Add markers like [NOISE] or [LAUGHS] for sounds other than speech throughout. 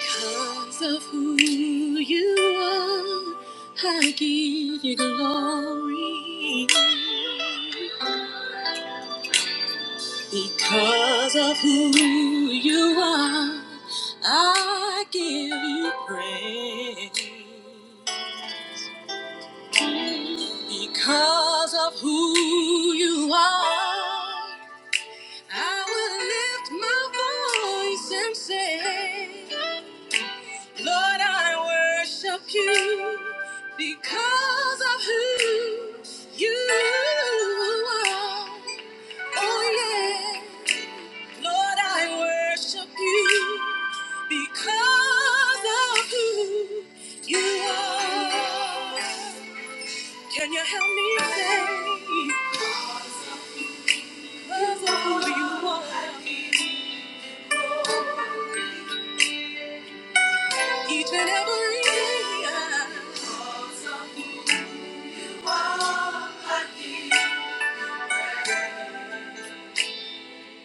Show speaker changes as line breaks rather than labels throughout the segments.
Because of who you are, I give you glory. Because of who you are, I give you praise. Because of who you are, I will lift my voice and say, Lord, I worship you because of who you are. Oh, yeah. Lord, I worship you because of who you are. Can you help me say, because of who you are? Each and every day, I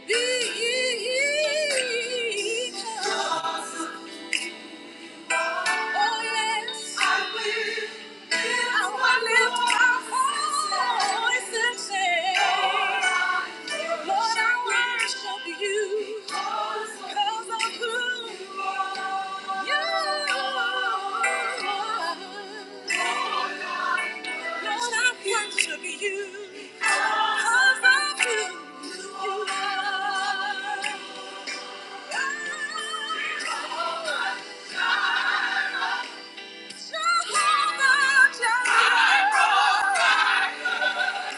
be because Oh yes, I want I lift my voice and say, Lord, I worship you 'cause of who you are. Lord, I worship you 'cause of who you are. Jehovah Jireh. Oh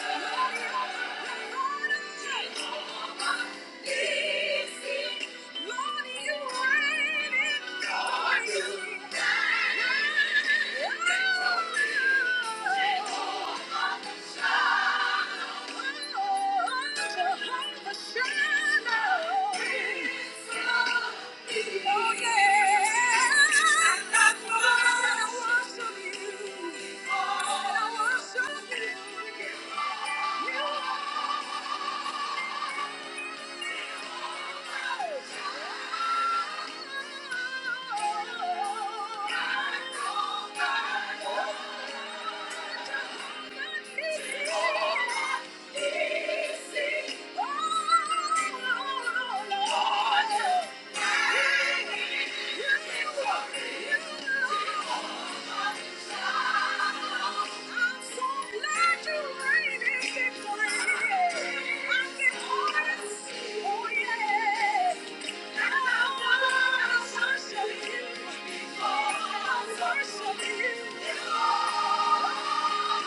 yeah, that's what I worship you. I worship you. Thank you. Oh yeah! I worship you.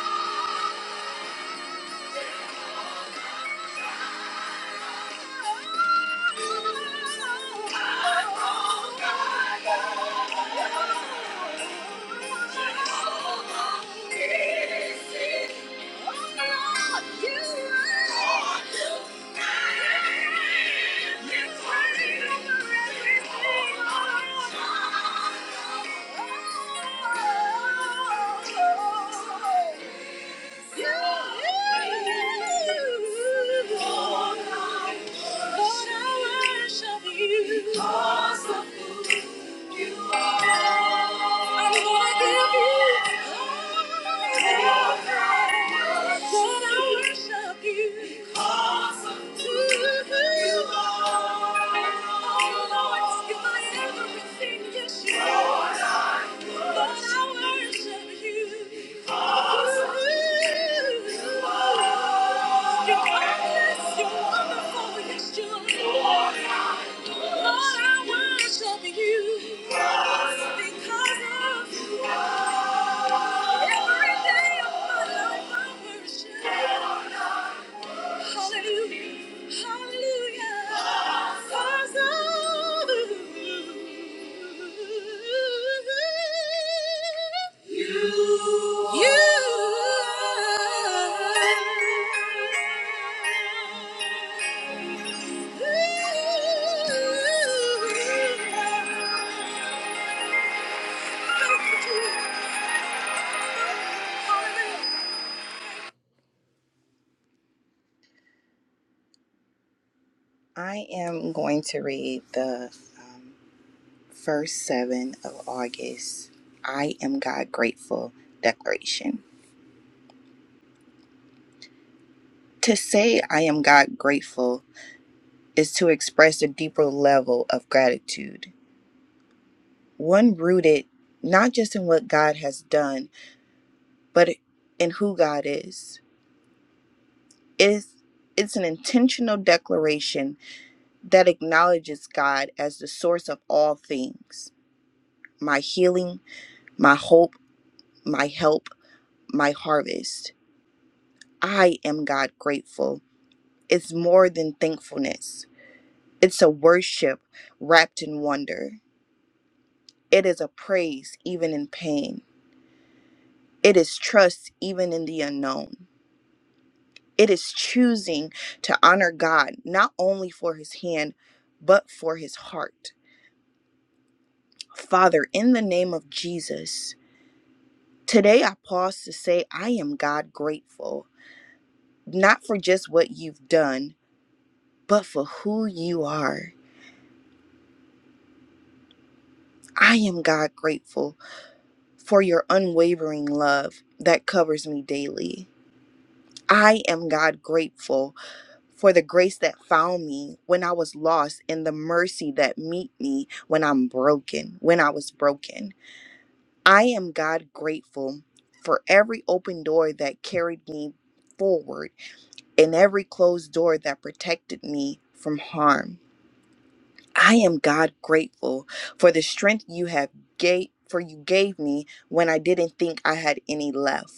Oh, Everything, Yes, you are. Because of every day of my life, I worship. You. Hallelujah. Hallelujah. Cause all You. I am going to read the um, verse 7 of August, I am God grateful declaration. To say I am God grateful is to express a deeper level of gratitude, one rooted not just in what God has done, but in who God is. It is it's an intentional declaration that acknowledges God as the source of all things my healing, my hope, my help, my harvest. I am God grateful It's more than thankfulness, it's a worship wrapped in wonder. It is a praise even in pain. It is trust even in the unknown. It is choosing to honor God not only for his hand, but for his heart. Father, in the name of Jesus, today I pause to say I am God grateful, not for just what you've done, but for who you are. I am God grateful for your unwavering love that covers me daily. I am God grateful for the grace that found me when I was lost and the mercy that meet me when I'm broken, when I was broken. I am God grateful for every open door that carried me forward and every closed door that protected me from harm. I am God grateful for the strength you have gave for you gave me when I didn't think I had any left.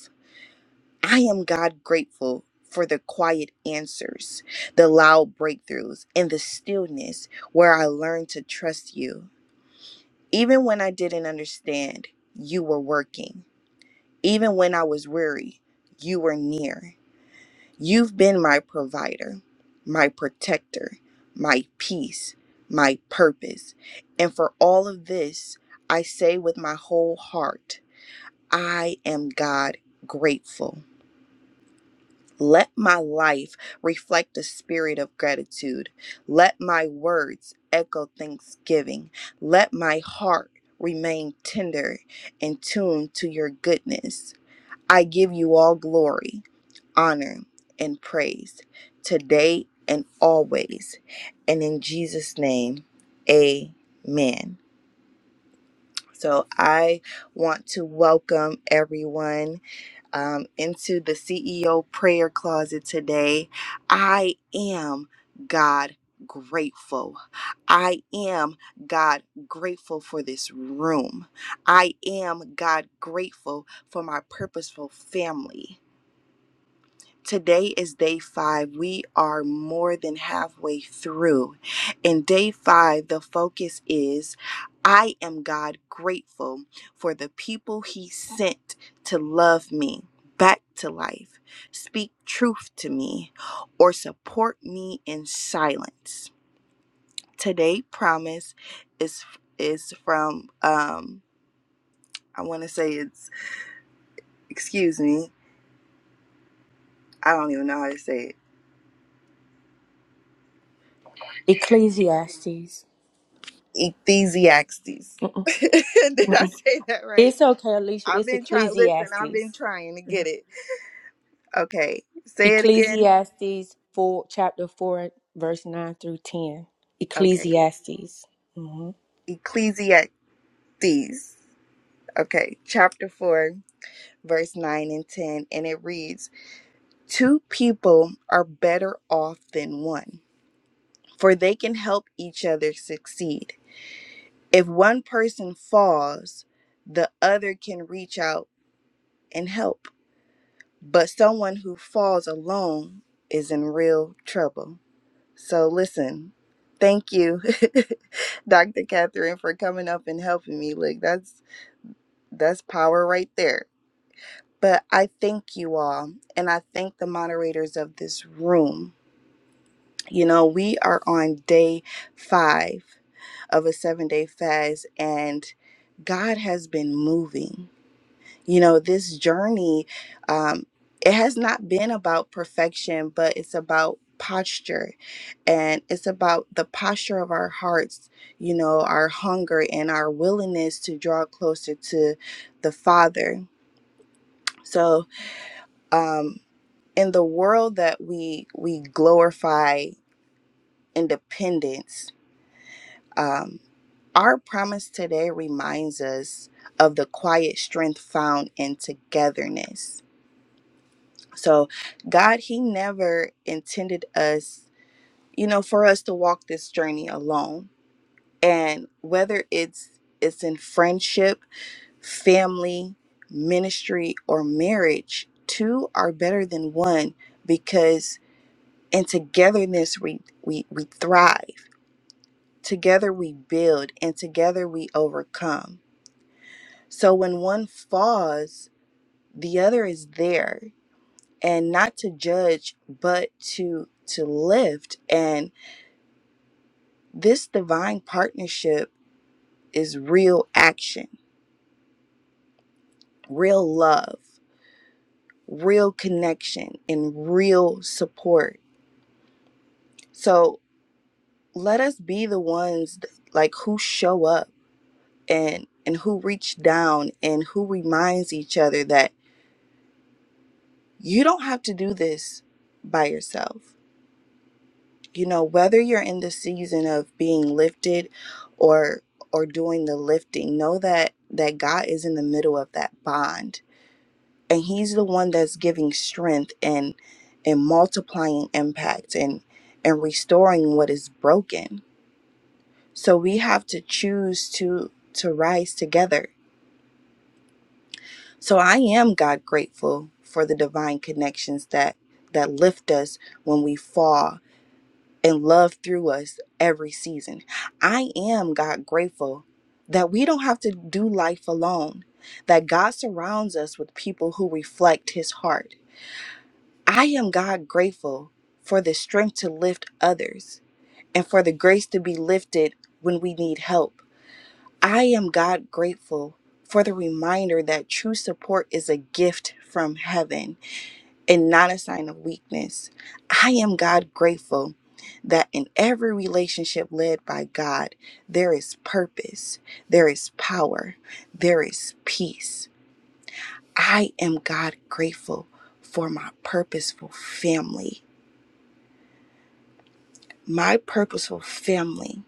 I am God grateful for the quiet answers, the loud breakthroughs, and the stillness where I learned to trust you. Even when I didn't understand, you were working. Even when I was weary, you were near. You've been my provider, my protector, my peace, my purpose. And for all of this, I say with my whole heart, I am God grateful. Let my life reflect the spirit of gratitude. Let my words echo thanksgiving. Let my heart remain tender and tuned to your goodness. I give you all glory, honor, and praise today and always. And in Jesus' name, amen. So I want to welcome everyone um, into the CEO prayer closet today. I am God grateful. I am God grateful for this room. I am God grateful for my purposeful family. Today is day five. We are more than halfway through. In day five, the focus is I am God grateful for the people He sent to love me back to life, speak truth to me, or support me in silence. Today, promise is is from um I want to say it's excuse me I don't even know how to say it
Ecclesiastes.
Ecclesiastes. [LAUGHS]
Mm-mm,
Did I
mm-mm.
say that right?
It's okay, Alicia.
I've
It's
been trying. Listen, I've been
Ecclesiastes.
trying to get it. Okay, say it again.
Ecclesiastes four, chapter four, verse nine through ten.
Okay,
Ecclesiastes. hmm
Ecclesiastes. Okay, chapter 4, verse 9 and 10. And it reads Two people are better off than one, for they can help each other succeed. If one person falls, the other can reach out and help. But someone who falls alone is in real trouble. So listen, thank you, [LAUGHS] Dr. Catherine, for coming up and helping me. Look, that's that's power right there. But I thank you all, and I thank the moderators of this room. You know, we are on day five of a seven day fast, and God has been moving. you know this journey um it has not been about perfection but it's about posture and it's about the posture of our hearts you know our hunger and our willingness to draw closer to the father so um in the world that we we glorify independence um our promise today reminds us of the quiet strength found in togetherness So, God, He never intended us, you know, for us to walk this journey alone. And whether it's it's in friendship, family, ministry, or marriage, two are better than one because in togetherness we we we thrive. Together we build, and together we overcome. So when one falls, the other is there and not to judge but to to lift and this divine partnership is real action real love real connection and real support so let us be the ones th- like who show up and and who reach down and who reminds each other that you don't have to do this by yourself you know whether you're in the season of being lifted or or doing the lifting know that that god is in the middle of that bond and he's the one that's giving strength and and multiplying impact and and restoring what is broken so we have to choose to to rise together so i am god grateful for the divine connections that that lift us when we fall and love through us every season. I am, God, grateful that we don't have to do life alone, that God surrounds us with people who reflect His heart. I am, God, grateful for the strength to lift others and for the grace to be lifted when we need help. I am, God, grateful for the reminder that true support is a gift from heaven and not a sign of weakness. I am God grateful that in every relationship led by God, there is purpose, there is power, there is peace. I am God grateful for my purposeful family. My purposeful family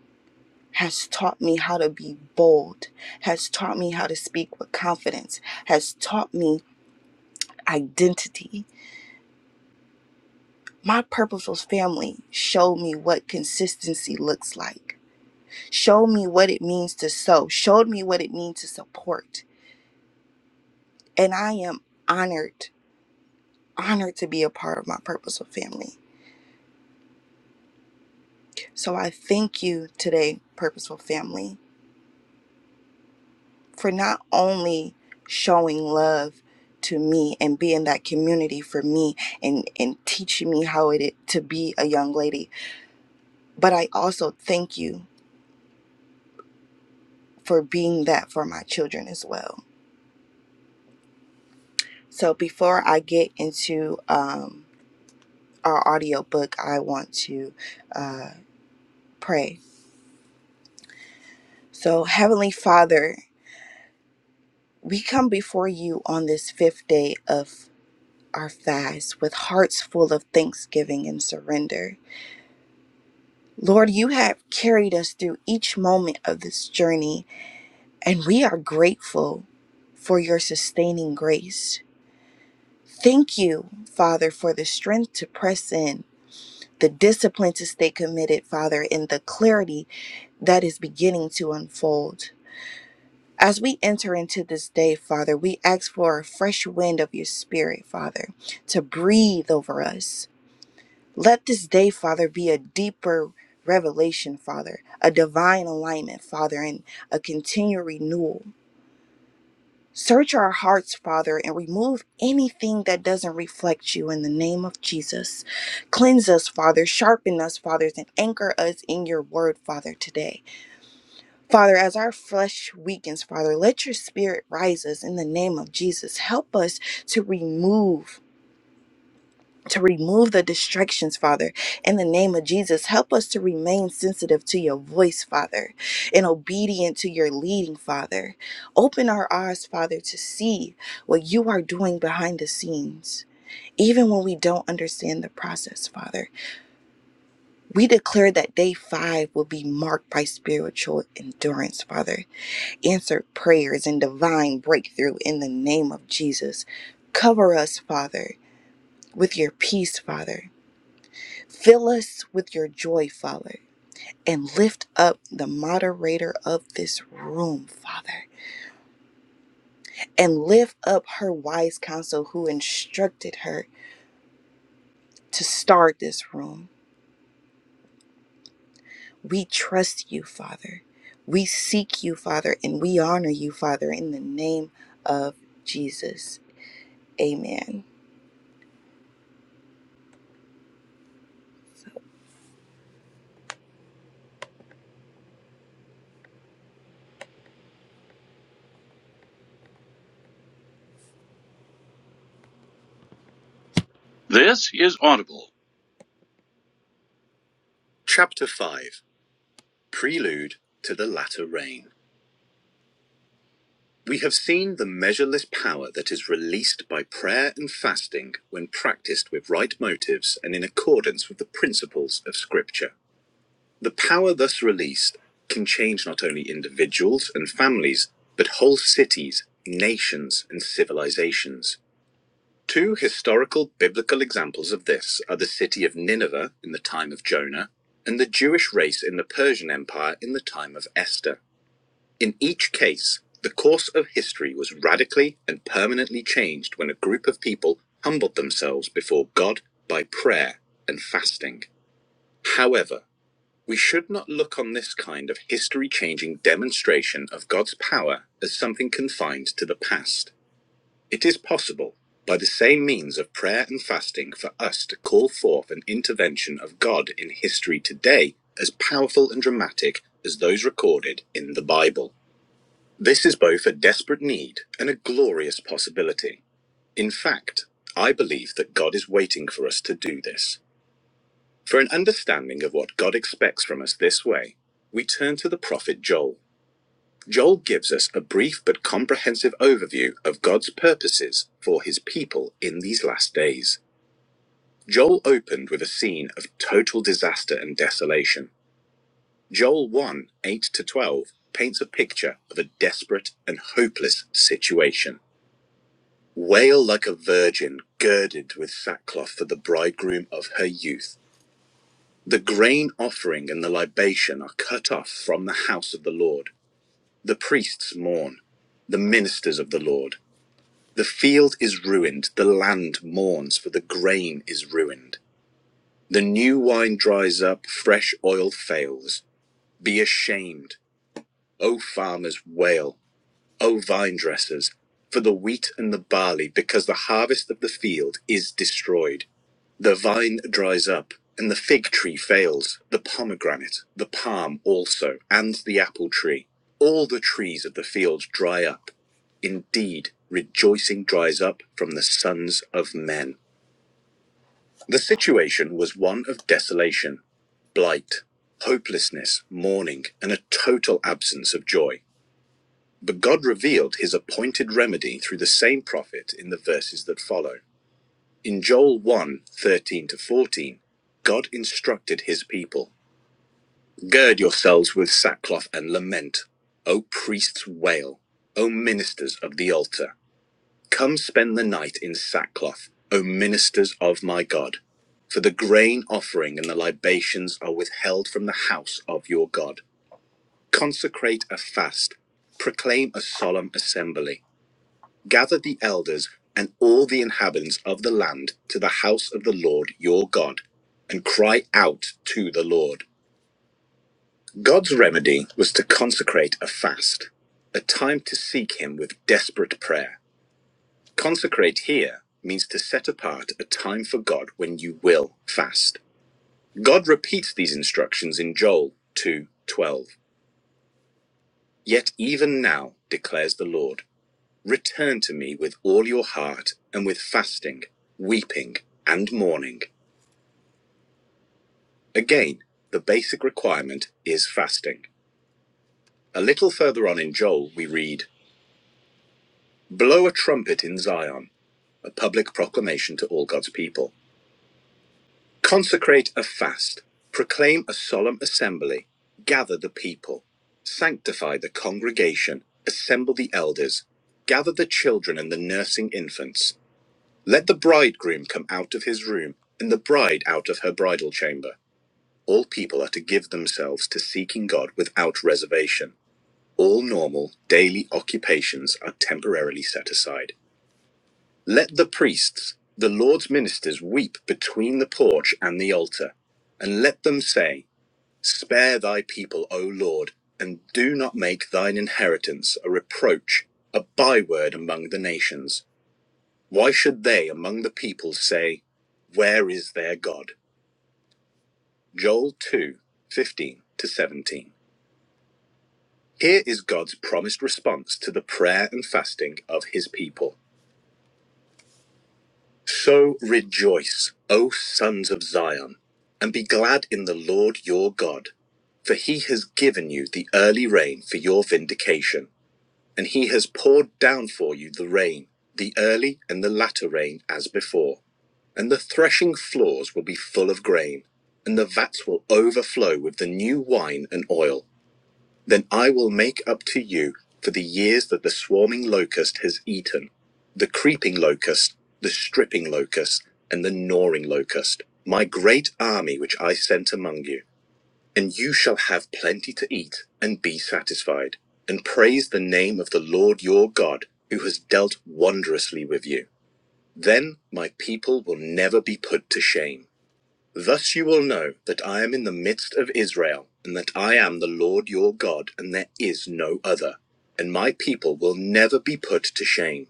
has taught me how to be bold, has taught me how to speak with confidence, has taught me identity. My purposeful family showed me what consistency looks like. Show me what it means to sow. Showed me what it means to support. And I am honored, honored to be a part of my purposeful family. So I thank you today, purposeful family, for not only showing love to me and being that community for me and, and teaching me how it is to be a young lady, but I also thank you for being that for my children as well. So before I get into um. our audiobook, I want to uh, pray. So, Heavenly Father, we come before you on this fifth day of our fast with hearts full of thanksgiving and surrender. Lord, you have carried us through each moment of this journey, and we are grateful for your sustaining grace. Thank you, Father, for the strength to press in, the discipline to stay committed, Father, and the clarity that is beginning to unfold. As we enter into this day, Father, we ask for a fresh wind of your spirit, Father, to breathe over us. Let this day, Father, be a deeper revelation, Father, a divine alignment, Father, and a continual renewal. Search our hearts, Father, and remove anything that doesn't reflect you in the name of Jesus. Cleanse us, Father, sharpen us, Father, and anchor us in your word, Father, today. Father, as our flesh weakens, Father, let your spirit rise us in the name of Jesus. Help us to remove. To remove the distractions, Father, in the name of Jesus. Help us to remain sensitive to your voice, Father, and obedient to your leading, Father. Open our eyes, Father, to see what you are doing behind the scenes, even when we don't understand the process, Father. We declare that day five will be marked by spiritual endurance, Father answered prayers and divine breakthrough in the name of Jesus. Cover us, Father, with your peace, Father. Fill us with your joy, Father. And lift up the moderator of this room, Father. And lift up her wise counsel who instructed her to start this room. We trust you, Father. We seek you, Father, and we honor you, Father, in the name of Jesus. Amen. This is Audible. Chapter 5 Prelude to the Latter Rain. We have seen the measureless power that is released by prayer and fasting when practiced with right motives and in accordance with the principles of Scripture. The power thus released can change not only individuals and families, but whole cities, nations, and civilizations. Two historical biblical examples of this are the city of Nineveh in the time of Jonah and the Jewish race in the Persian Empire in the time of Esther. In each case, the course of history was radically and permanently changed when a group of people humbled themselves before God by prayer and fasting. However, we should not look on this kind of history changing demonstration of God's power as something confined to the past. It is possible, by the same means of prayer and fasting, for us to call forth an intervention of God in history today as powerful and dramatic as those recorded in the Bible. This is both a desperate need and a glorious possibility. In fact, I believe that God is waiting for us to do this. For an understanding of what God expects from us this way, we turn to the prophet Joel. Joel gives us a brief but comprehensive overview of God's purposes for his people in these last days. Joel opened with a scene of total disaster and desolation. Joel 1 8 to 12 paints a picture of a desperate and hopeless situation. Wail like a virgin girded with sackcloth for the bridegroom of her youth. The grain offering and the libation are cut off from the house of the Lord. The priests mourn, the ministers of the Lord. The field is ruined, the land mourns, for the grain is ruined. The new wine dries up, fresh oil fails. Be ashamed, O farmers, wail. O vine dressers, for the wheat and the barley, because the harvest of the field is destroyed. The vine dries up, and the fig tree fails, the pomegranate, the palm also, and the apple tree. All the trees of the field dry up. Indeed, rejoicing dries up from the sons of men. The situation was one of desolation, blight, hopelessness, mourning, and a total absence of joy. But God revealed his appointed remedy through the same prophet in the verses that follow. In Joel one 13 to 14, God instructed his people Gird yourselves with sackcloth and lament. O priests, wail. O ministers of the altar. Come spend the night in sackcloth, O ministers of my God. For the grain offering and the libations are withheld from the house of your God. Consecrate a fast. Proclaim a solemn assembly. Gather the elders and all the inhabitants of the land to the house of the Lord your God, and cry out to the Lord. God's remedy was to consecrate a fast, a time to seek Him with desperate prayer. Consecrate here means to set apart a time for God when you will fast. God repeats these instructions in Joel 2:12. Yet even now, declares the Lord. Return to me with all your heart and with fasting, weeping, and mourning. Again, the basic requirement is fasting. A little further on in Joel, we read Blow a trumpet in Zion, a public proclamation to all God's people. Consecrate a fast, proclaim a solemn assembly, gather the people, sanctify the congregation, assemble the elders, gather the children and the nursing infants. Let the bridegroom come out of his room, and the bride out of her bridal chamber. All people are to give themselves to seeking God without reservation. All normal, daily occupations are temporarily set aside. Let the priests, the Lord's ministers, weep between the porch and the altar, and let them say, Spare thy people, O Lord, and do not make thine inheritance a reproach, a byword among the nations. Why should they among the people say, Where is their God? Joel 2, 15 to 17. Here is God's promised response to the prayer and fasting of his people. So rejoice, O sons of Zion, and be glad in the Lord your God, for he has given you the early rain for your vindication. and he has poured down for you the rain, the early and the latter rain as before. And the threshing floors will be full of grain, and the vats will overflow with the new wine and oil. Then I will make up to you for the years that the swarming locust has eaten, the creeping locust, the stripping locust, and the gnawing locust, my great army which I sent among you. And you shall have plenty to eat and be satisfied, and praise the name of the Lord your God, who has dealt wondrously with you. Then my people will never be put to shame. Thus you will know that I am in the midst of Israel, and that I am the Lord your God, and there is no other. And my people will never be put to shame.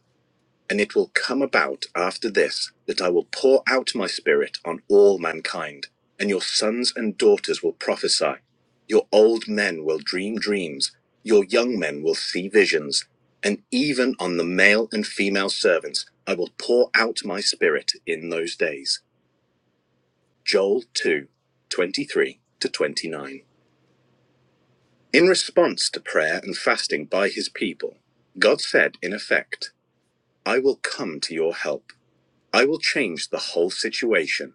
And it will come about after this that I will pour out my spirit on all mankind, and your sons and daughters will prophesy. Your old men will dream dreams, your young men will see visions, and even on the male and female servants I will pour out my spirit in those days. Joel 2, 23 to 29. In response to prayer and fasting by his people, God said, in effect, I will come to your help. I will change the whole situation,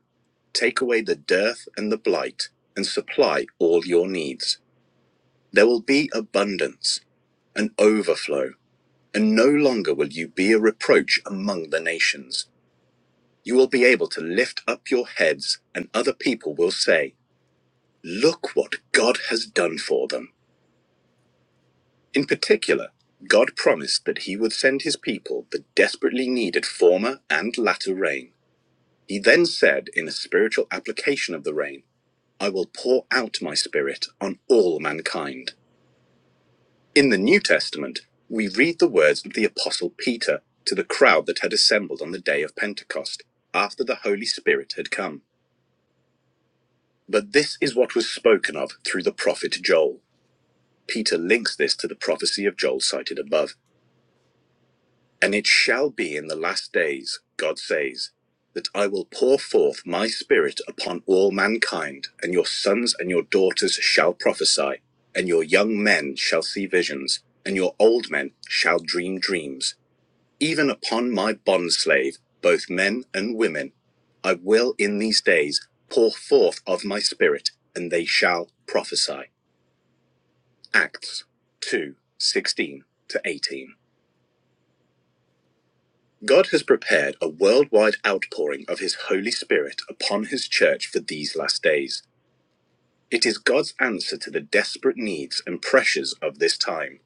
take away the dearth and the blight, and supply all your needs. There will be abundance, an overflow, and no longer will you be a reproach among the nations. You will be able to lift up your heads, and other people will say, Look what God has done for them. In particular, God promised that He would send His people the desperately needed former and latter rain. He then said, in a spiritual application of the rain, I will pour out my spirit on all mankind. In the New Testament, we read the words of the Apostle Peter to the crowd that had assembled on the day of Pentecost after the Holy Spirit had come. But this is what was spoken of through the prophet Joel. Peter links this to the prophecy of Joel cited above. And it shall be in the last days, God says, that I will pour forth my spirit upon all mankind, and your sons and your daughters shall prophesy, and your young men shall see visions, and your old men shall dream dreams. Even upon my bondslave, both men and women, I will in these days pour forth of my spirit, and they shall prophesy. Acts two sixteen to 18. God has prepared a worldwide outpouring of His Holy Spirit upon His church for these last days. It is God's answer to the desperate needs and pressures of this time.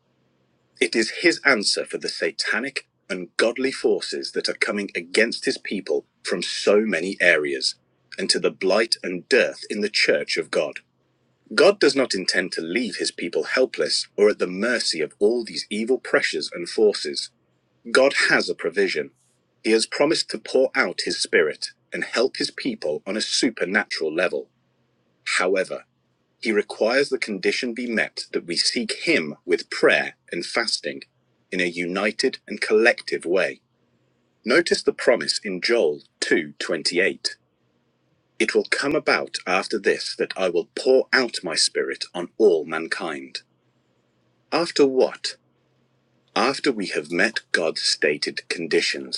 It is His answer for the satanic, ungodly forces that are coming against His people from so many areas, and to the blight and dearth in the church of God. God does not intend to leave His people helpless or at the mercy of all these evil pressures and forces. God has a provision. He has promised to pour out his spirit and help his people on a supernatural level. However, he requires the condition be met that we seek him with prayer and fasting in a united and collective way. Notice the promise in Joel 2:28. It will come about after this that I will pour out my spirit on all mankind. After what? After we have met God's stated conditions.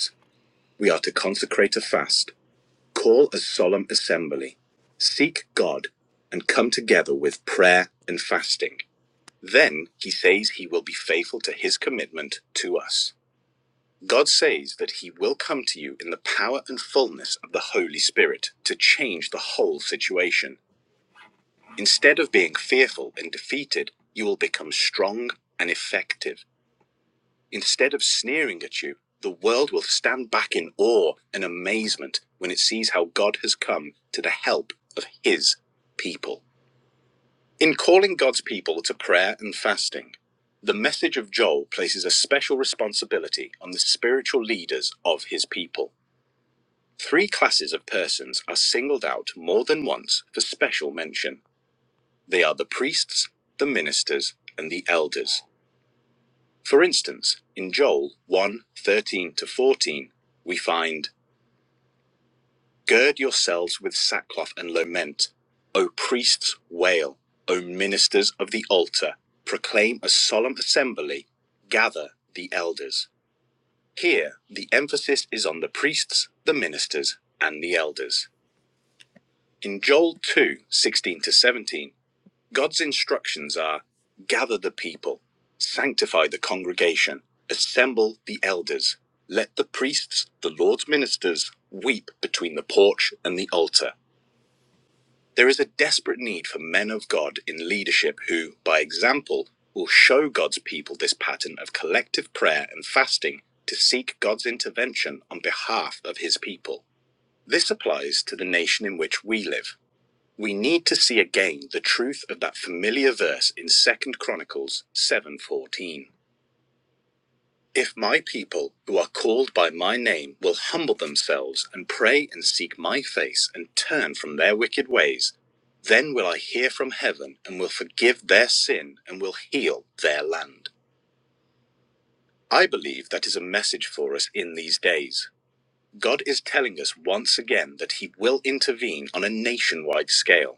We are to consecrate a fast, call a solemn assembly, seek God, and come together with prayer and fasting. Then he says he will be faithful to his commitment to us. God says that he will come to you in the power and fullness of the Holy Spirit to change the whole situation. Instead of being fearful and defeated, you will become strong and effective. Instead of sneering at you, the world will stand back in awe and amazement when it sees how God has come to the help of his people. In calling God's people to prayer and fasting, the message of Joel places a special responsibility on the spiritual leaders of his people. Three classes of persons are singled out more than once for special mention. They are the priests, the ministers, and the elders. For instance, in Joel 1 thirteen to 14, we find, Gird yourselves with sackcloth and lament. O priests, wail. O ministers of the altar, proclaim a solemn assembly. Gather the elders. Here, the emphasis is on the priests, the ministers, and the elders. In Joel 2:16 to 17, God's instructions are gather the people, sanctify the congregation, assemble the elders, let the priests, the Lord's ministers, weep between the porch and the altar. There is a desperate need for men of God in leadership who, by example, will show God's people this pattern of collective prayer and fasting to seek God's intervention on behalf of his people. This applies to the nation in which we live. We need to see again the truth of that familiar verse in Second Chronicles 7:14. If my people who are called by my name will humble themselves and pray and seek my face and turn from their wicked ways, then will I hear from heaven and will forgive their sin and will heal their land. I believe that is a message for us in these days. God is telling us once again that he will intervene on a nationwide scale.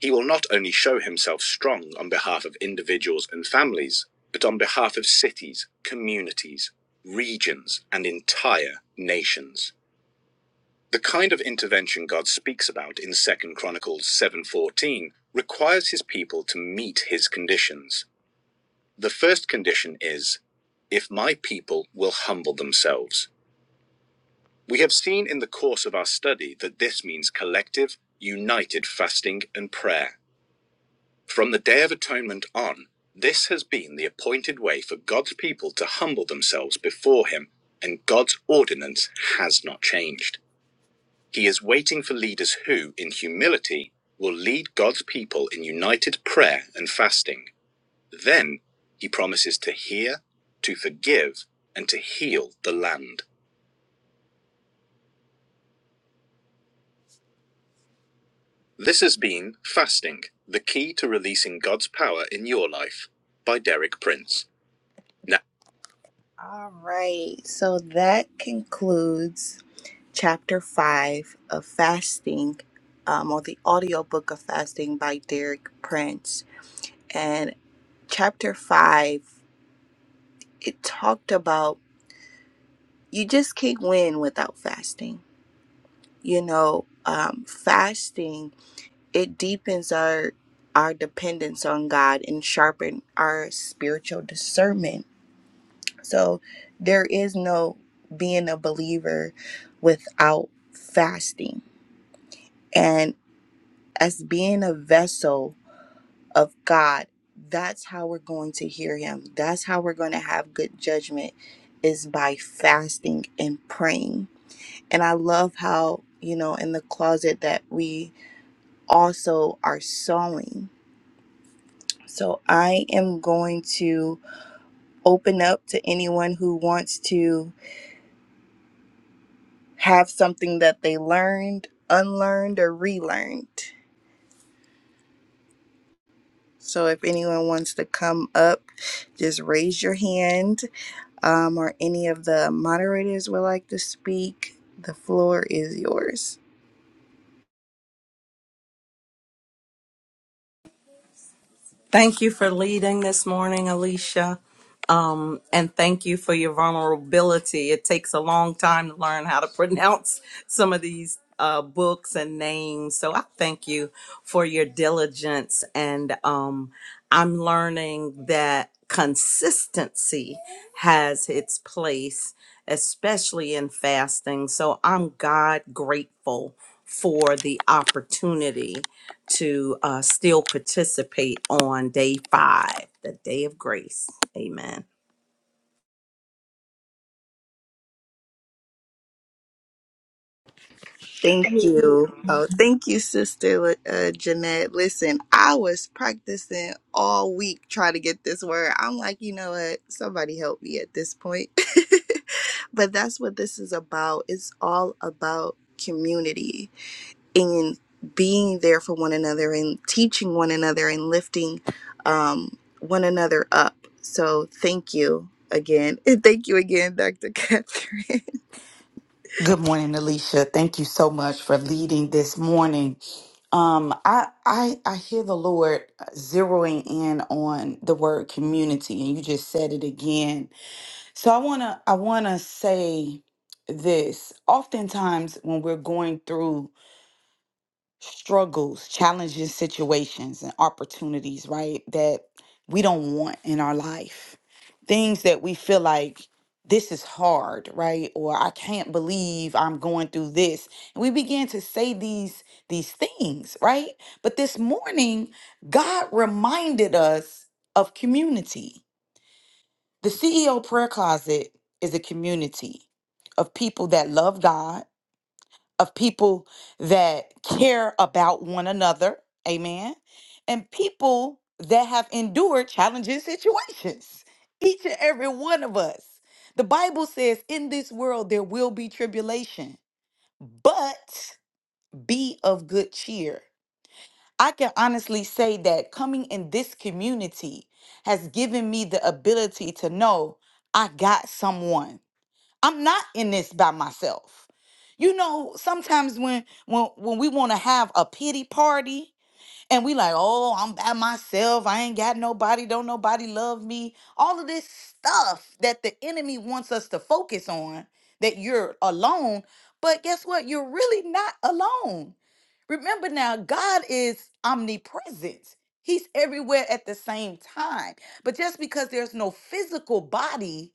He will not only show himself strong on behalf of individuals and families, but on behalf of cities, communities, regions, and entire nations. The kind of intervention God speaks about in Second Chronicles 7:14 requires his people to meet his conditions. The first condition is if my people will humble themselves. We have seen in the course of our study that this means collective, united fasting and prayer. From the Day of Atonement on, this has been the appointed way for God's people to humble themselves before Him, and God's ordinance has not changed. He is waiting for leaders who, in humility, will lead God's people in united prayer and fasting. Then He promises to hear, to forgive, and to heal the land. This has been Fasting, the Key to Releasing God's Power in Your Life by Derek Prince. Now, all right, so that concludes chapter five of Fasting, um, or the audiobook of Fasting by Derek Prince. And chapter five, it talked about you just can't win without fasting. You know, um, fasting it deepens our our dependence on God and sharpen our spiritual discernment. So there is no being a believer without fasting. And as being a vessel of God, that's how we're going to hear him. That's how we're going to have good judgment is by fasting and praying. And I love how, you know, in the closet that we also are sowing So I am going to open up to anyone who wants to have something that they learned, unlearned, or relearned. So if anyone wants to come up, just raise your hand, um, or any of the moderators would like to speak. The floor is yours.
Thank you for leading this morning, Alicia. Um, and thank you for your vulnerability. It takes a long time to learn how to [LAUGHS] pronounce some of these uh, books and names. So I thank you for your diligence. And um, I'm learning that consistency has its place, especially in fasting. So I'm God grateful for the opportunity to uh, still participate on day five, the day of grace. Amen.
Thank you. Oh, thank you, Sister uh, Jeanette. Listen, I was practicing all week trying to get this word. I'm like, you know what? Somebody help me at this point. [LAUGHS] but that's what this is about. It's all about community and being there for one another and teaching one another and lifting um, one another up. So thank you again. [LAUGHS] And thank you again, Dr. Catherine. [LAUGHS]
Good morning, Alicia. Thank you so much for leading this morning. Um, I I I hear the Lord zeroing in on the word community, and you just said it again. So I wanna I wanna say this. Oftentimes, when we're going through struggles, challenges, situations, and opportunities, right? That we don't want in our life. Things that we feel like this is hard, right? Or I can't believe I'm going through this. And we begin to say these these things, right? But this morning, God reminded us of community. The CEO prayer closet is a community of people that love God of people that care about one another, amen, and people that have endured challenging [LAUGHS] situations. Each and every one of us. The Bible says, in this world, there will be tribulation, but be of good cheer. I can honestly say that coming in this community has given me the ability to know I got someone I'm not in this by myself. You know, sometimes when when when we want to have a pity party and we like, "Oh, I'm by myself. I ain't got nobody. Don't nobody love me." All of this stuff that the enemy wants us to focus on that you're alone, but guess what? You're really not alone. Remember now, God is omnipresent. He's everywhere at the same time. But just because there's no physical body,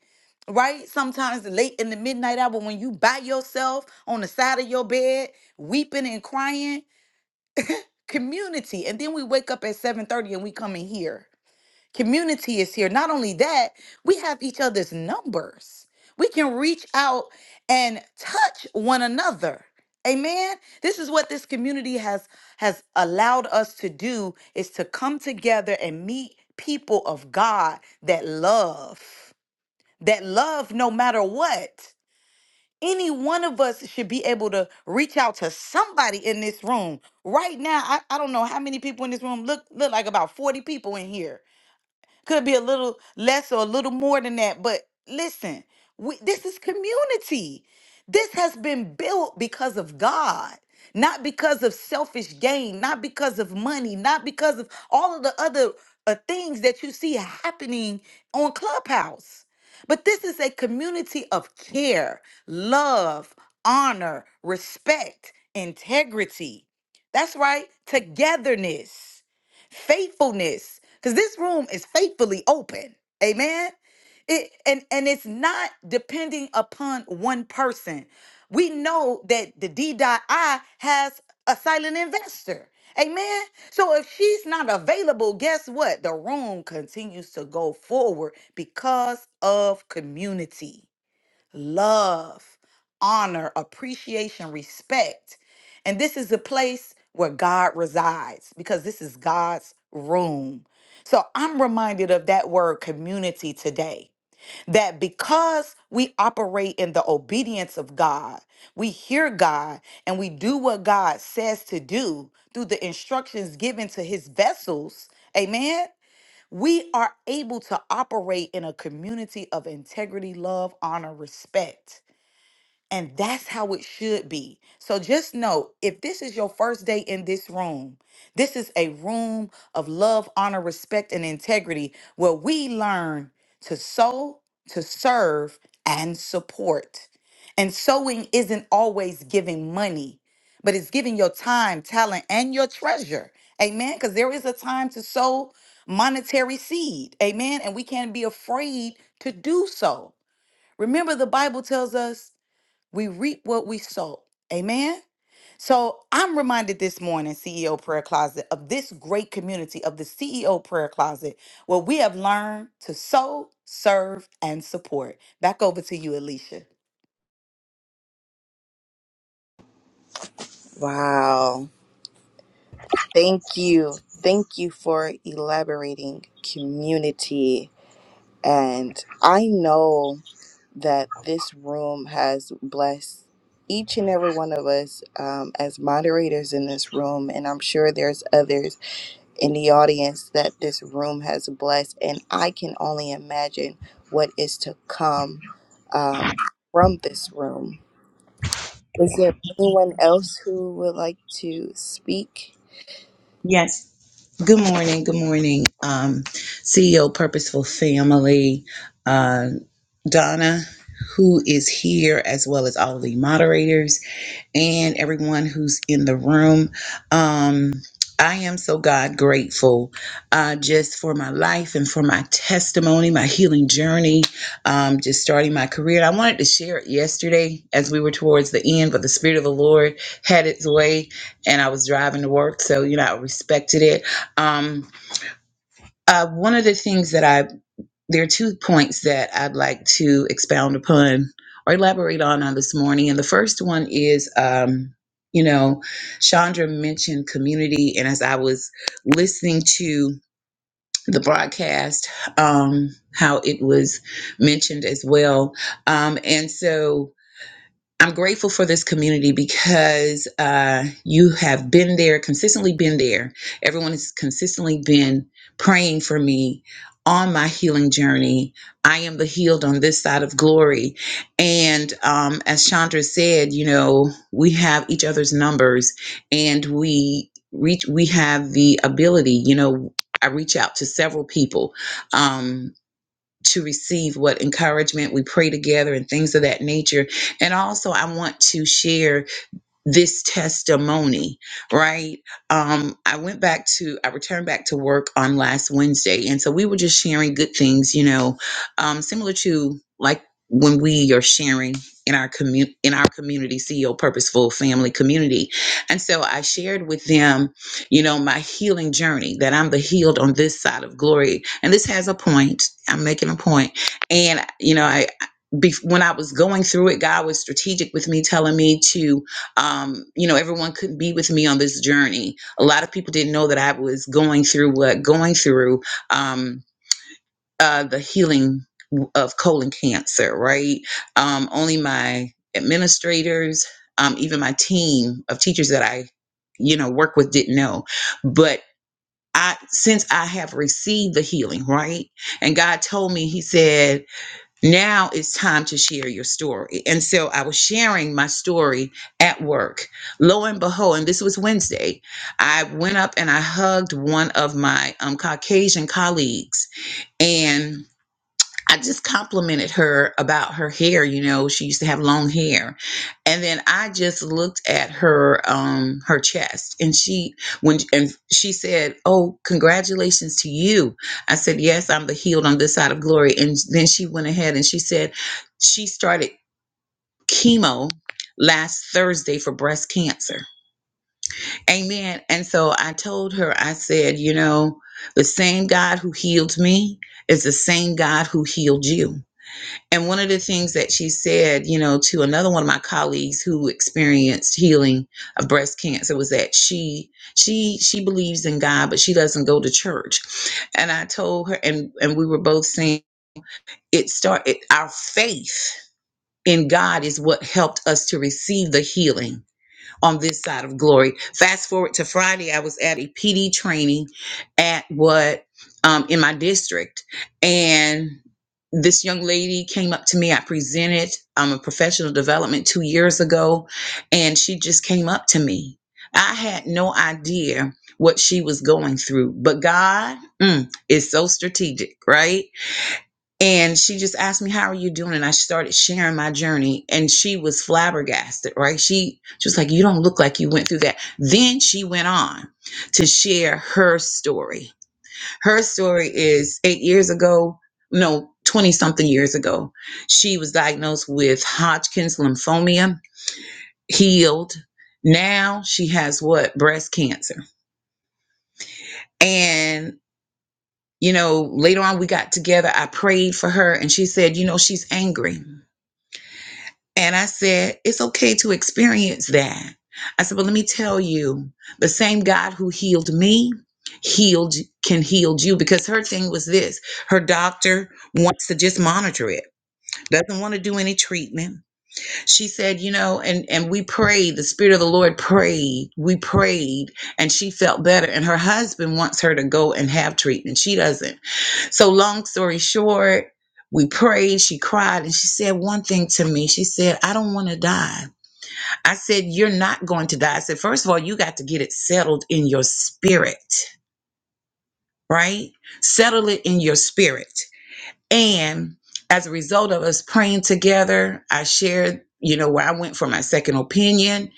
right? Sometimes late in the midnight hour when you by yourself on the side of your bed, weeping and crying, community. And then we wake up at 7:30 and we come in here community is here. Not only that, we have each other's numbers. We can reach out and touch one another. Amen. This is what this community has has allowed us to do is to come together and meet people of God that love. That love no matter what. Any one of us should be able to reach out to somebody in this room. Right now, I, I don't know how many people in this room look look like about 40 people in here could be a little less or a little more than that. But listen, we, this is community. This has been built because of God, not because of selfish gain, not because of money, not because of all of the other uh, things that you see happening on Clubhouse. But this is a community of care, love, honor, respect, integrity. That's right, togetherness faithfulness because this room is faithfully open amen it and and it's not depending upon one person we know that the d.i has a silent investor amen so if she's not available guess what the room continues to go forward because of community love, honor, appreciation, respect. And this is a place where God resides because this is God's room. So I'm reminded of that word community today. That because we operate in the obedience of God, we hear God and we do what God says to do through the instructions given to his vessels, amen. We are able to operate in a community of integrity, love, honor, respect. And that's how it should be. So just know if this is your first day in this room, this is a room of love, honor, respect, and integrity where we learn to sow, to serve, and support. And sowing isn't always giving money, but it's giving your time, talent, and your treasure. Amen. Because there is a time to sow monetary seed. Amen. And we can't be afraid to do so. Remember, the Bible tells us we reap what we sow. Amen. So I'm reminded this morning, CEO Prayer Closet, of this great community of the CEO Prayer Closet, where we have learned to sow, serve, and support. Back over to you, Alicia.
Wow. Thank you. Thank you for elaborating community. And I know that this room has blessed each and every one of us um, as moderators in this room. And I'm sure there's others in the audience that this room has blessed. And I can only imagine what is to come um, from this room. Is there anyone else who would like to speak?
Yes. Good morning. Good morning, um, CEO Purposeful Family, uh, Donna, who is here, as well as all the moderators and everyone who's in the room. Um, I am so God grateful uh, just for my life and for my testimony, my healing journey, um, just starting my career. And I wanted to share it yesterday as we were towards the end, but the Spirit of the Lord had its way and I was driving to work. So, you know, I respected it. Um, uh, one of the things that I there are two points that I'd like to expound upon or elaborate on on this morning. And the first one is, um, you know, Chandra mentioned community, and as I was listening to the broadcast, um, how it was mentioned as well, um, and so I'm grateful for this community because uh, you have been there, consistently been there. Everyone has consistently been praying for me on my healing journey. I am the healed on this side of glory. And um, as Chandra said, you know, we have each other's numbers and we reach, we have the ability, you know, I reach out to several people. Um, to receive what encouragement we pray together and things of that nature. And also, I want to share this testimony, right? Um, I went back to, I returned back to work on last Wednesday. And so we were just sharing good things, you know, um, similar to like when we are sharing in our community, in our community, CEO purposeful family community. And so I shared with them, you know, my healing journey that I'm the healed on this side of glory. And this has a point. I'm making a point. And, you know, bef- when I was going through it, God was strategic with me, telling me to, um, you know, everyone couldn't be with me on this journey. A lot of people didn't know that I was going through what going through um, uh, the healing w- of colon cancer, right? Um, only my administrators, um, even my team of teachers that I, you know, work with didn't know. But I, since I have received the healing, right? And God told me, He said, now it's time to share your story. And so I was sharing my story at work. Lo and behold, and this was Wednesday, I went up and I hugged one of my um, Caucasian colleagues. And I just complimented her about her hair. You know, she used to have long hair, and then I just looked at her um her chest, and she when and she said, "Oh, congratulations to you." I said, "Yes, I'm the healed on this side of glory." And then she went ahead and she said she started chemo last Thursday for breast cancer. Amen. And so I told her, I said, you know, the same God who healed me is the same God who healed you. And one of the things that she said, you know, to another one of my colleagues who experienced healing of breast cancer was that she she she believes in God, but she doesn't go to church. And I told her and and we were both saying it started our faith in God is what helped us to receive the healing on this side of glory. Fast forward to Friday, I was at a PD training at what um, in my district, and this young lady came up to me. I presented um, a professional development two years ago, and she just came up to me. I had no idea what she was going through, but God mm, is so strategic, right? And she just asked me, How are you doing? And I started sharing my journey. And she was flabbergasted, right? She, she was like, You don't look like you went through that. Then she went on to share her story. Her story is eight years ago, no, 20 something years ago, she was diagnosed with Hodgkin's lymphoma, healed. Now she has what? Breast cancer. And, you know, later on we got together. I prayed for her and she said, You know, she's angry And I said, it's okay to experience that. I said, but let me tell you, the same God who healed me healed can heal you because her thing was this her doctor wants to just monitor it doesn't want to do any treatment she said you know and and we prayed the spirit of the lord prayed we prayed and she felt better and her husband wants her to go and have treatment she doesn't so, long story short, we prayed. She cried and she said one thing to me. She said, I don't want to die. I said, You're not going to die. I said, "First of all, you got to get it settled in your spirit, right? Settle it in your spirit. And as a result of us praying together, I shared, you know, where I went for my second opinion.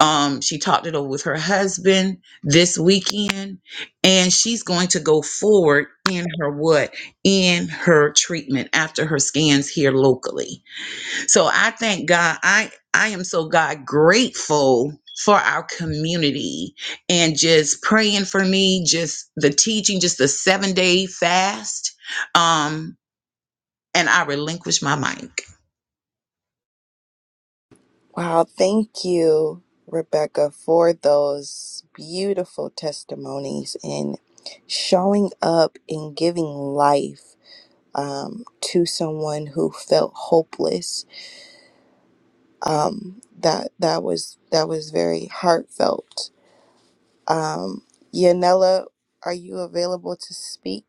Um, she talked it over with her husband this weekend, and she's going to go forward in her what? In her treatment after her scans here locally. So I thank God. I I am so God grateful for our community and just praying for me, just the teaching, just the seven day fast. Um, and I relinquish my mic.
Wow, thank you, Rebecca, for those beautiful testimonies and showing up and giving life um, to someone who felt hopeless. Um, that that was that was very heartfelt. Yanela, are you available to speak?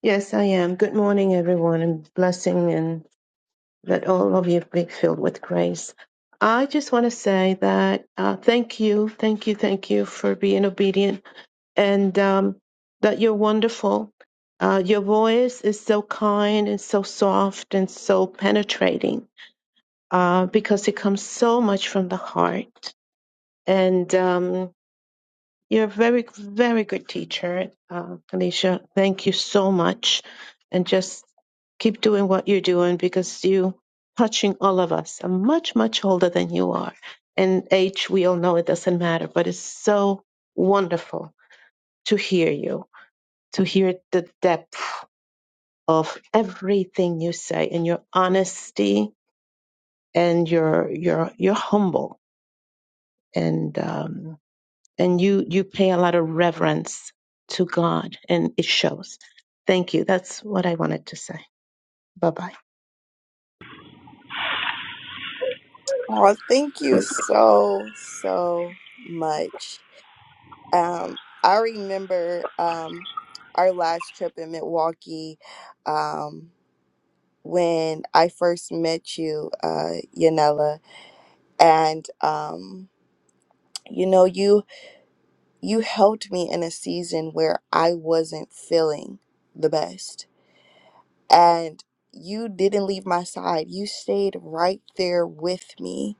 Yes, I am. Good morning, everyone, and blessing, and that all of you be filled with grace. I just want to say that uh, thank you, thank you, thank you for being obedient, and um, that you're wonderful. Uh, your voice is so kind and so soft and so penetrating uh, because it comes so much from the heart. And um, you're a very, very good teacher, uh, Alicia. Thank you so much. And just keep doing what you're doing because you touching all of us. I'm much, much older than you are. And age, we all know it doesn't matter, but it's so wonderful to hear you, to hear the depth of everything you say and your honesty and your your you're humble. And um, and you you pay a lot of reverence to God and it shows. Thank you. That's what I wanted to say. Bye-bye.
Oh, thank you so so much. Um, I remember um, our last trip in Milwaukee. Um, when I first met you, uh, Yanela, and um, you know, you you helped me in a season where I wasn't feeling the best, and you didn't leave my side. You stayed right there with me,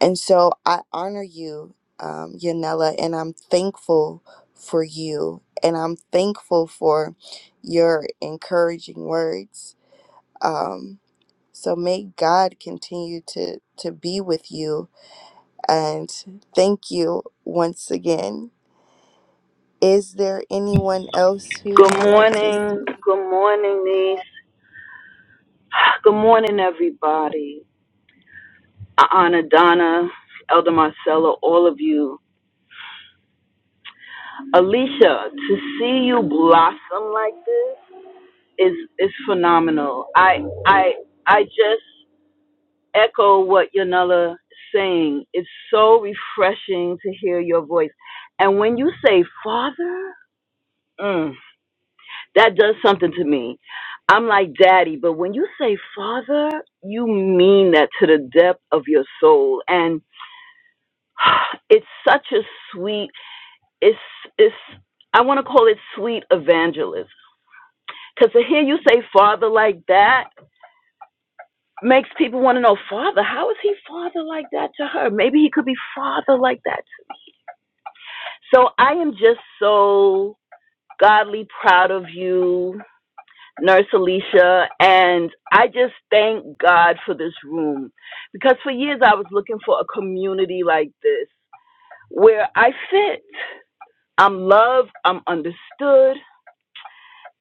and so I honor you, um, Yanela, and I'm thankful for you, and I'm thankful for your encouraging words. Um, So may God continue to to be with you and thank you once again. Is there anyone else who
Good
would like to s-
morning. Good morning, niece. Good morning, everybody. Anna, Donna, Elder Marcella, all of you. Alicia, to see you blossom like this is is phenomenal. I I I just echo what Yanela is saying. It's so refreshing to hear your voice. And when you say, Father, mm, That does something to me. I'm like daddy, but when you say father, you mean that to the depth of your soul. And [SIGHS] it's such a sweet, it's, it's, I want to call it sweet evangelism, Because to hear you say father like that makes people want to know, father, how is he father like that to her? Maybe he could be father like that. So I am just so godly proud of you Nurse Alicia, and I just thank God for this room because for years I was looking for a community like this where I fit. I'm loved, I'm understood,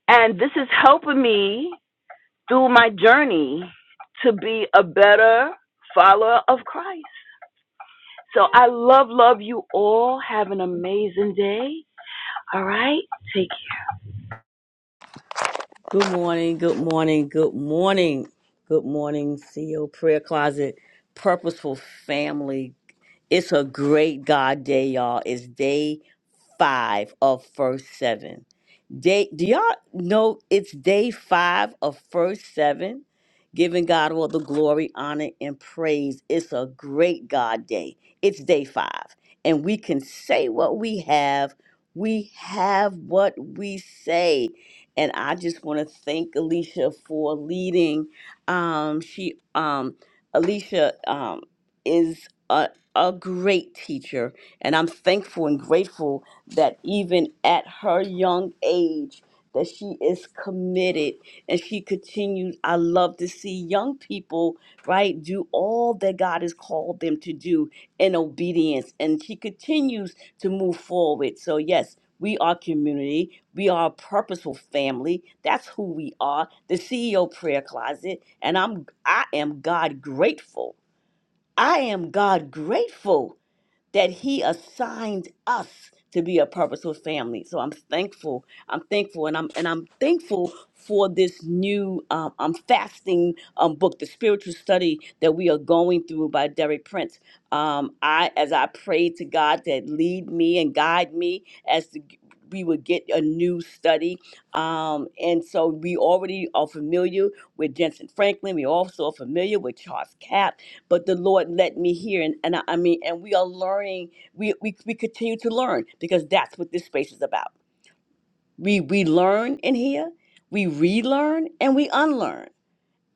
and this is helping me through my journey to be a better follower of Christ. So I love, love you all. Have an amazing day. All right, take
Good morning, good morning, good morning. Good morning, CEO Prayer Closet, Purposeful Family. It's a great God day, y'all. It's day five of first seven. Day, do y'all know it's day five of first seven? Giving God all the glory, honor, and praise. It's a great God day. It's day five. And we can say what we have. We have what we say. And I just want to thank Alicia for leading. Um, she um Alicia um is a great teacher, and I'm thankful and grateful that even at her young age, that she is committed and she continues. I love to see young people, right, do all that God has called them to do in obedience, and she continues to move forward. So, yes, we are community. We are a purposeful family. That's who we are. The CEO prayer closet, and I'm I am God grateful. I am God grateful that he assigned us to be a purposeful family. So I'm thankful. I'm thankful, and I'm and I'm thankful for this new um, um fasting um book, the spiritual study that we are going through by Derek Prince. Um, I as I prayed to God that lead me and guide me as to g- we would get a new study. Um, and so we already are familiar with Jensen Franklin. We also are familiar with Charles Cap but the Lord let me hear. And, and I, I mean, and we are learning, we, we, we continue to learn because that's what this space is about. We, we learn in here, we relearn, and we unlearn.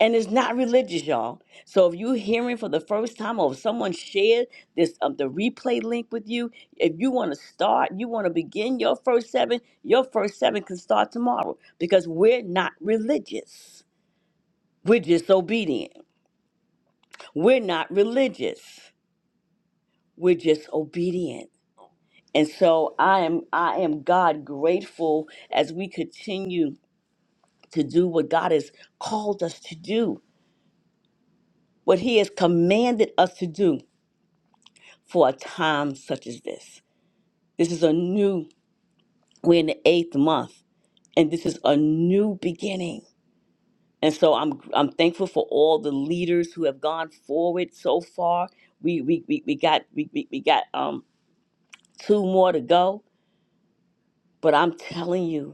And it's not religious, y'all. So if you're hearing for the first time or if someone shared this um, the replay link with you, if you want to start, you want to begin your first seven, your first seven can start tomorrow because we're not religious. We're just obedient. We're not religious. We're just obedient. And so I am I am God grateful as we continue to do what God has called us to do, what he has commanded us to do for a time such as this. This is a new we're in the 8th month and this is a new beginning. And so I'm I'm thankful for all the leaders who have gone forward so far. We we we, we got we, we, we got um two more to go, but I'm telling you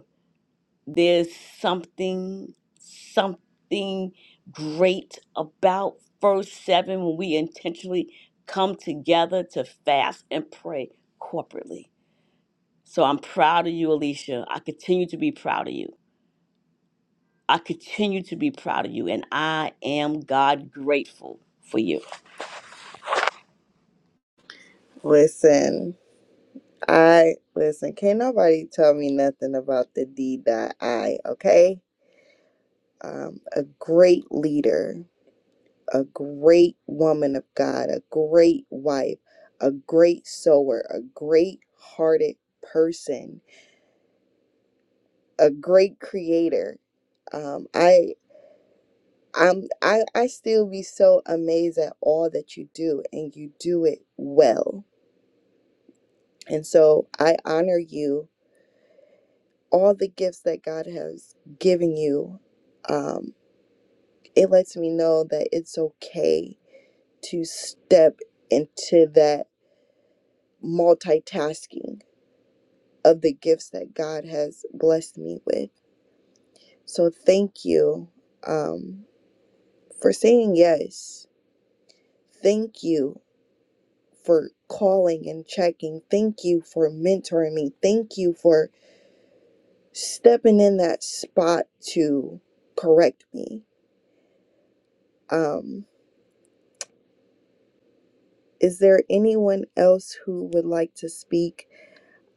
there's something something great about first seven when we intentionally come together to fast and pray corporately so i'm proud of you alicia i continue to be proud of you i continue to be proud of you and i am god grateful for you
listen? I listen. Can't nobody tell me nothing about the D dot I. Okay, um, a great leader, a great woman of God, a great wife, a great sower, a great hearted person, a great creator um, I I'm I, I still be so amazed at all that you do and you do it well. And so I honor you, all the gifts that God has given you. Um, it lets me know that it's okay to step into that multitasking of the gifts that God has blessed me with. So thank you um, for saying yes. Thank you for calling and checking. Thank you for mentoring me. Thank you for stepping in that spot to correct me. Um, is there anyone else who would like to speak?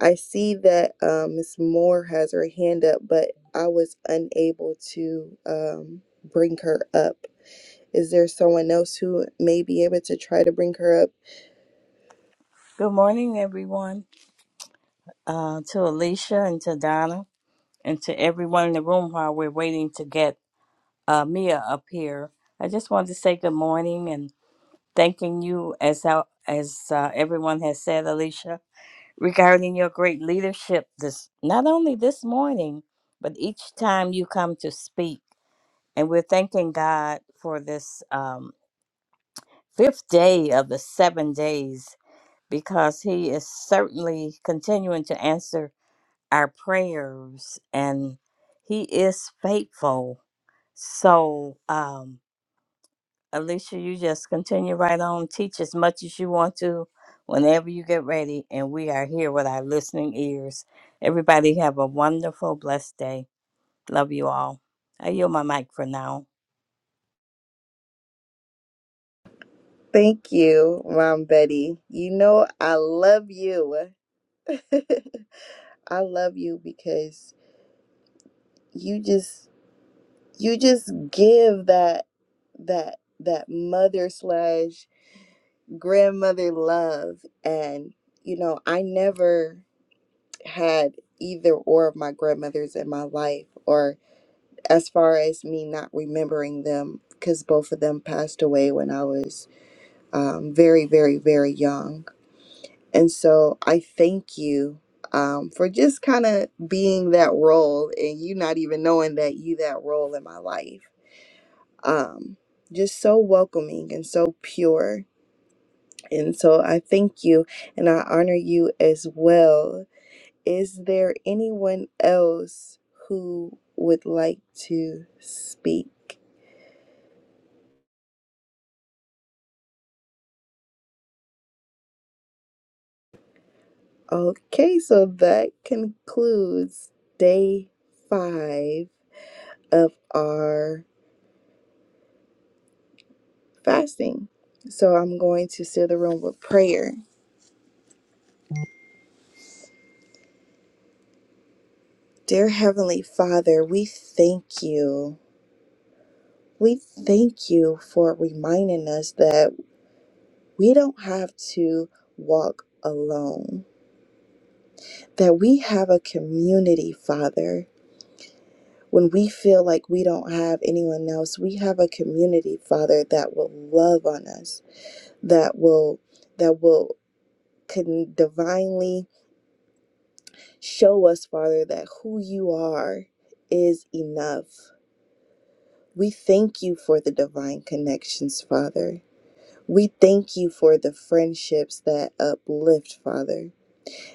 I see that um, Ms. Moore has her hand up, but I was unable to um, bring her up. Is there someone else who may be able to try to bring her up?
Good morning, everyone. Uh, to Alicia and to Donna and to everyone in the room while we're waiting to get uh, Mia up here. I just wanted to say good morning and thanking you as how, as uh, everyone has said, Alicia, regarding your great leadership. This not only this morning, but each time you come to speak, and we're thanking God for this um, fifth day of the seven days because He is certainly continuing to answer our prayers and he is faithful so um alicia you just continue right on teach as much as you want to whenever you get ready and we are here with our listening ears everybody have a wonderful blessed day love you all i yield my mic for now
Thank you, Mom Betty. You know I love you. [LAUGHS] I love you because you just you just give that that that mother slash grandmother love and you know I never had either or of my grandmothers in my life or as far as me not remembering them because both of them passed away when I was um, very very very young And so I thank you um, for just kind of being that role and you not even knowing that you that role in my life. Um, just so welcoming and so pure. And so I thank you and I honor you as well. Is there anyone else who would like to speak? Okay, so that concludes day five of our fasting. So I'm going to seal the room with prayer. Dear Heavenly Father, we thank you. We thank you for reminding us that we don't have to walk alone, that we have a community, Father. When we feel like we don't have anyone else, we have a community, Father, that will love on us, that will that will can divinely Show us, Father, that who you are is enough. We thank you for the divine connections, Father. We thank you for the friendships that uplift, Father,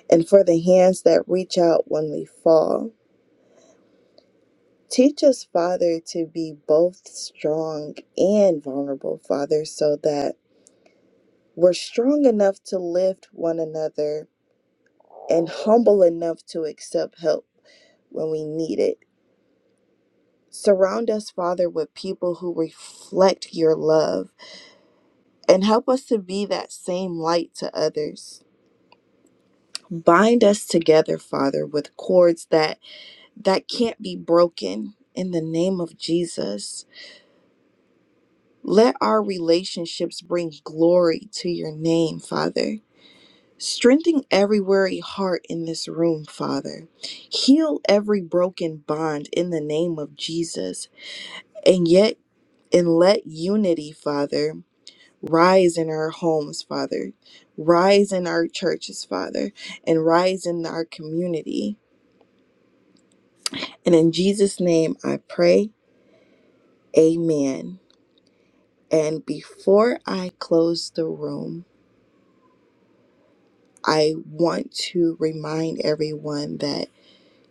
and for the hands that reach out when we fall. Teach us, Father, to be both strong and vulnerable, Father, so that we're strong enough to lift one another and humble enough to accept help when we need it. Surround us, Father, with people who reflect your love and help us to be that same light to others. Bind us together, Father, with cords that that can't be broken in the name of Jesus. Let our relationships bring glory to your name, Father. Strengthen every weary heart in this room, Father. Heal every broken bond in the name of Jesus. And yet and let unity, Father. Rise in our homes, Father. Rise in our churches, Father. And rise in our community. And in Jesus' name I pray, Amen. And before I close the room, I want to remind everyone that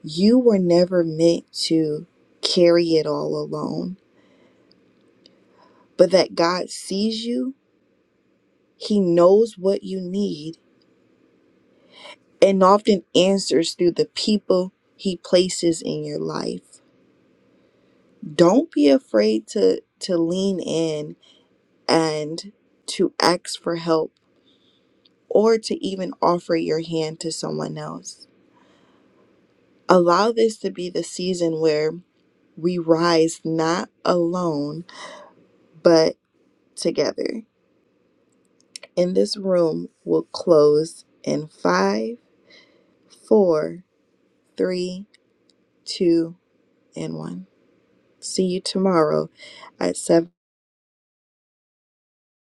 you were never meant to carry it all alone, but that God sees you, He knows what you need, and often answers through the people He places in your life. don't be afraid to to lean in and to ask for help or to even offer your hand to someone else allow this to be the season where we rise not alone but together and this room will close in five four three two and one see you tomorrow at seven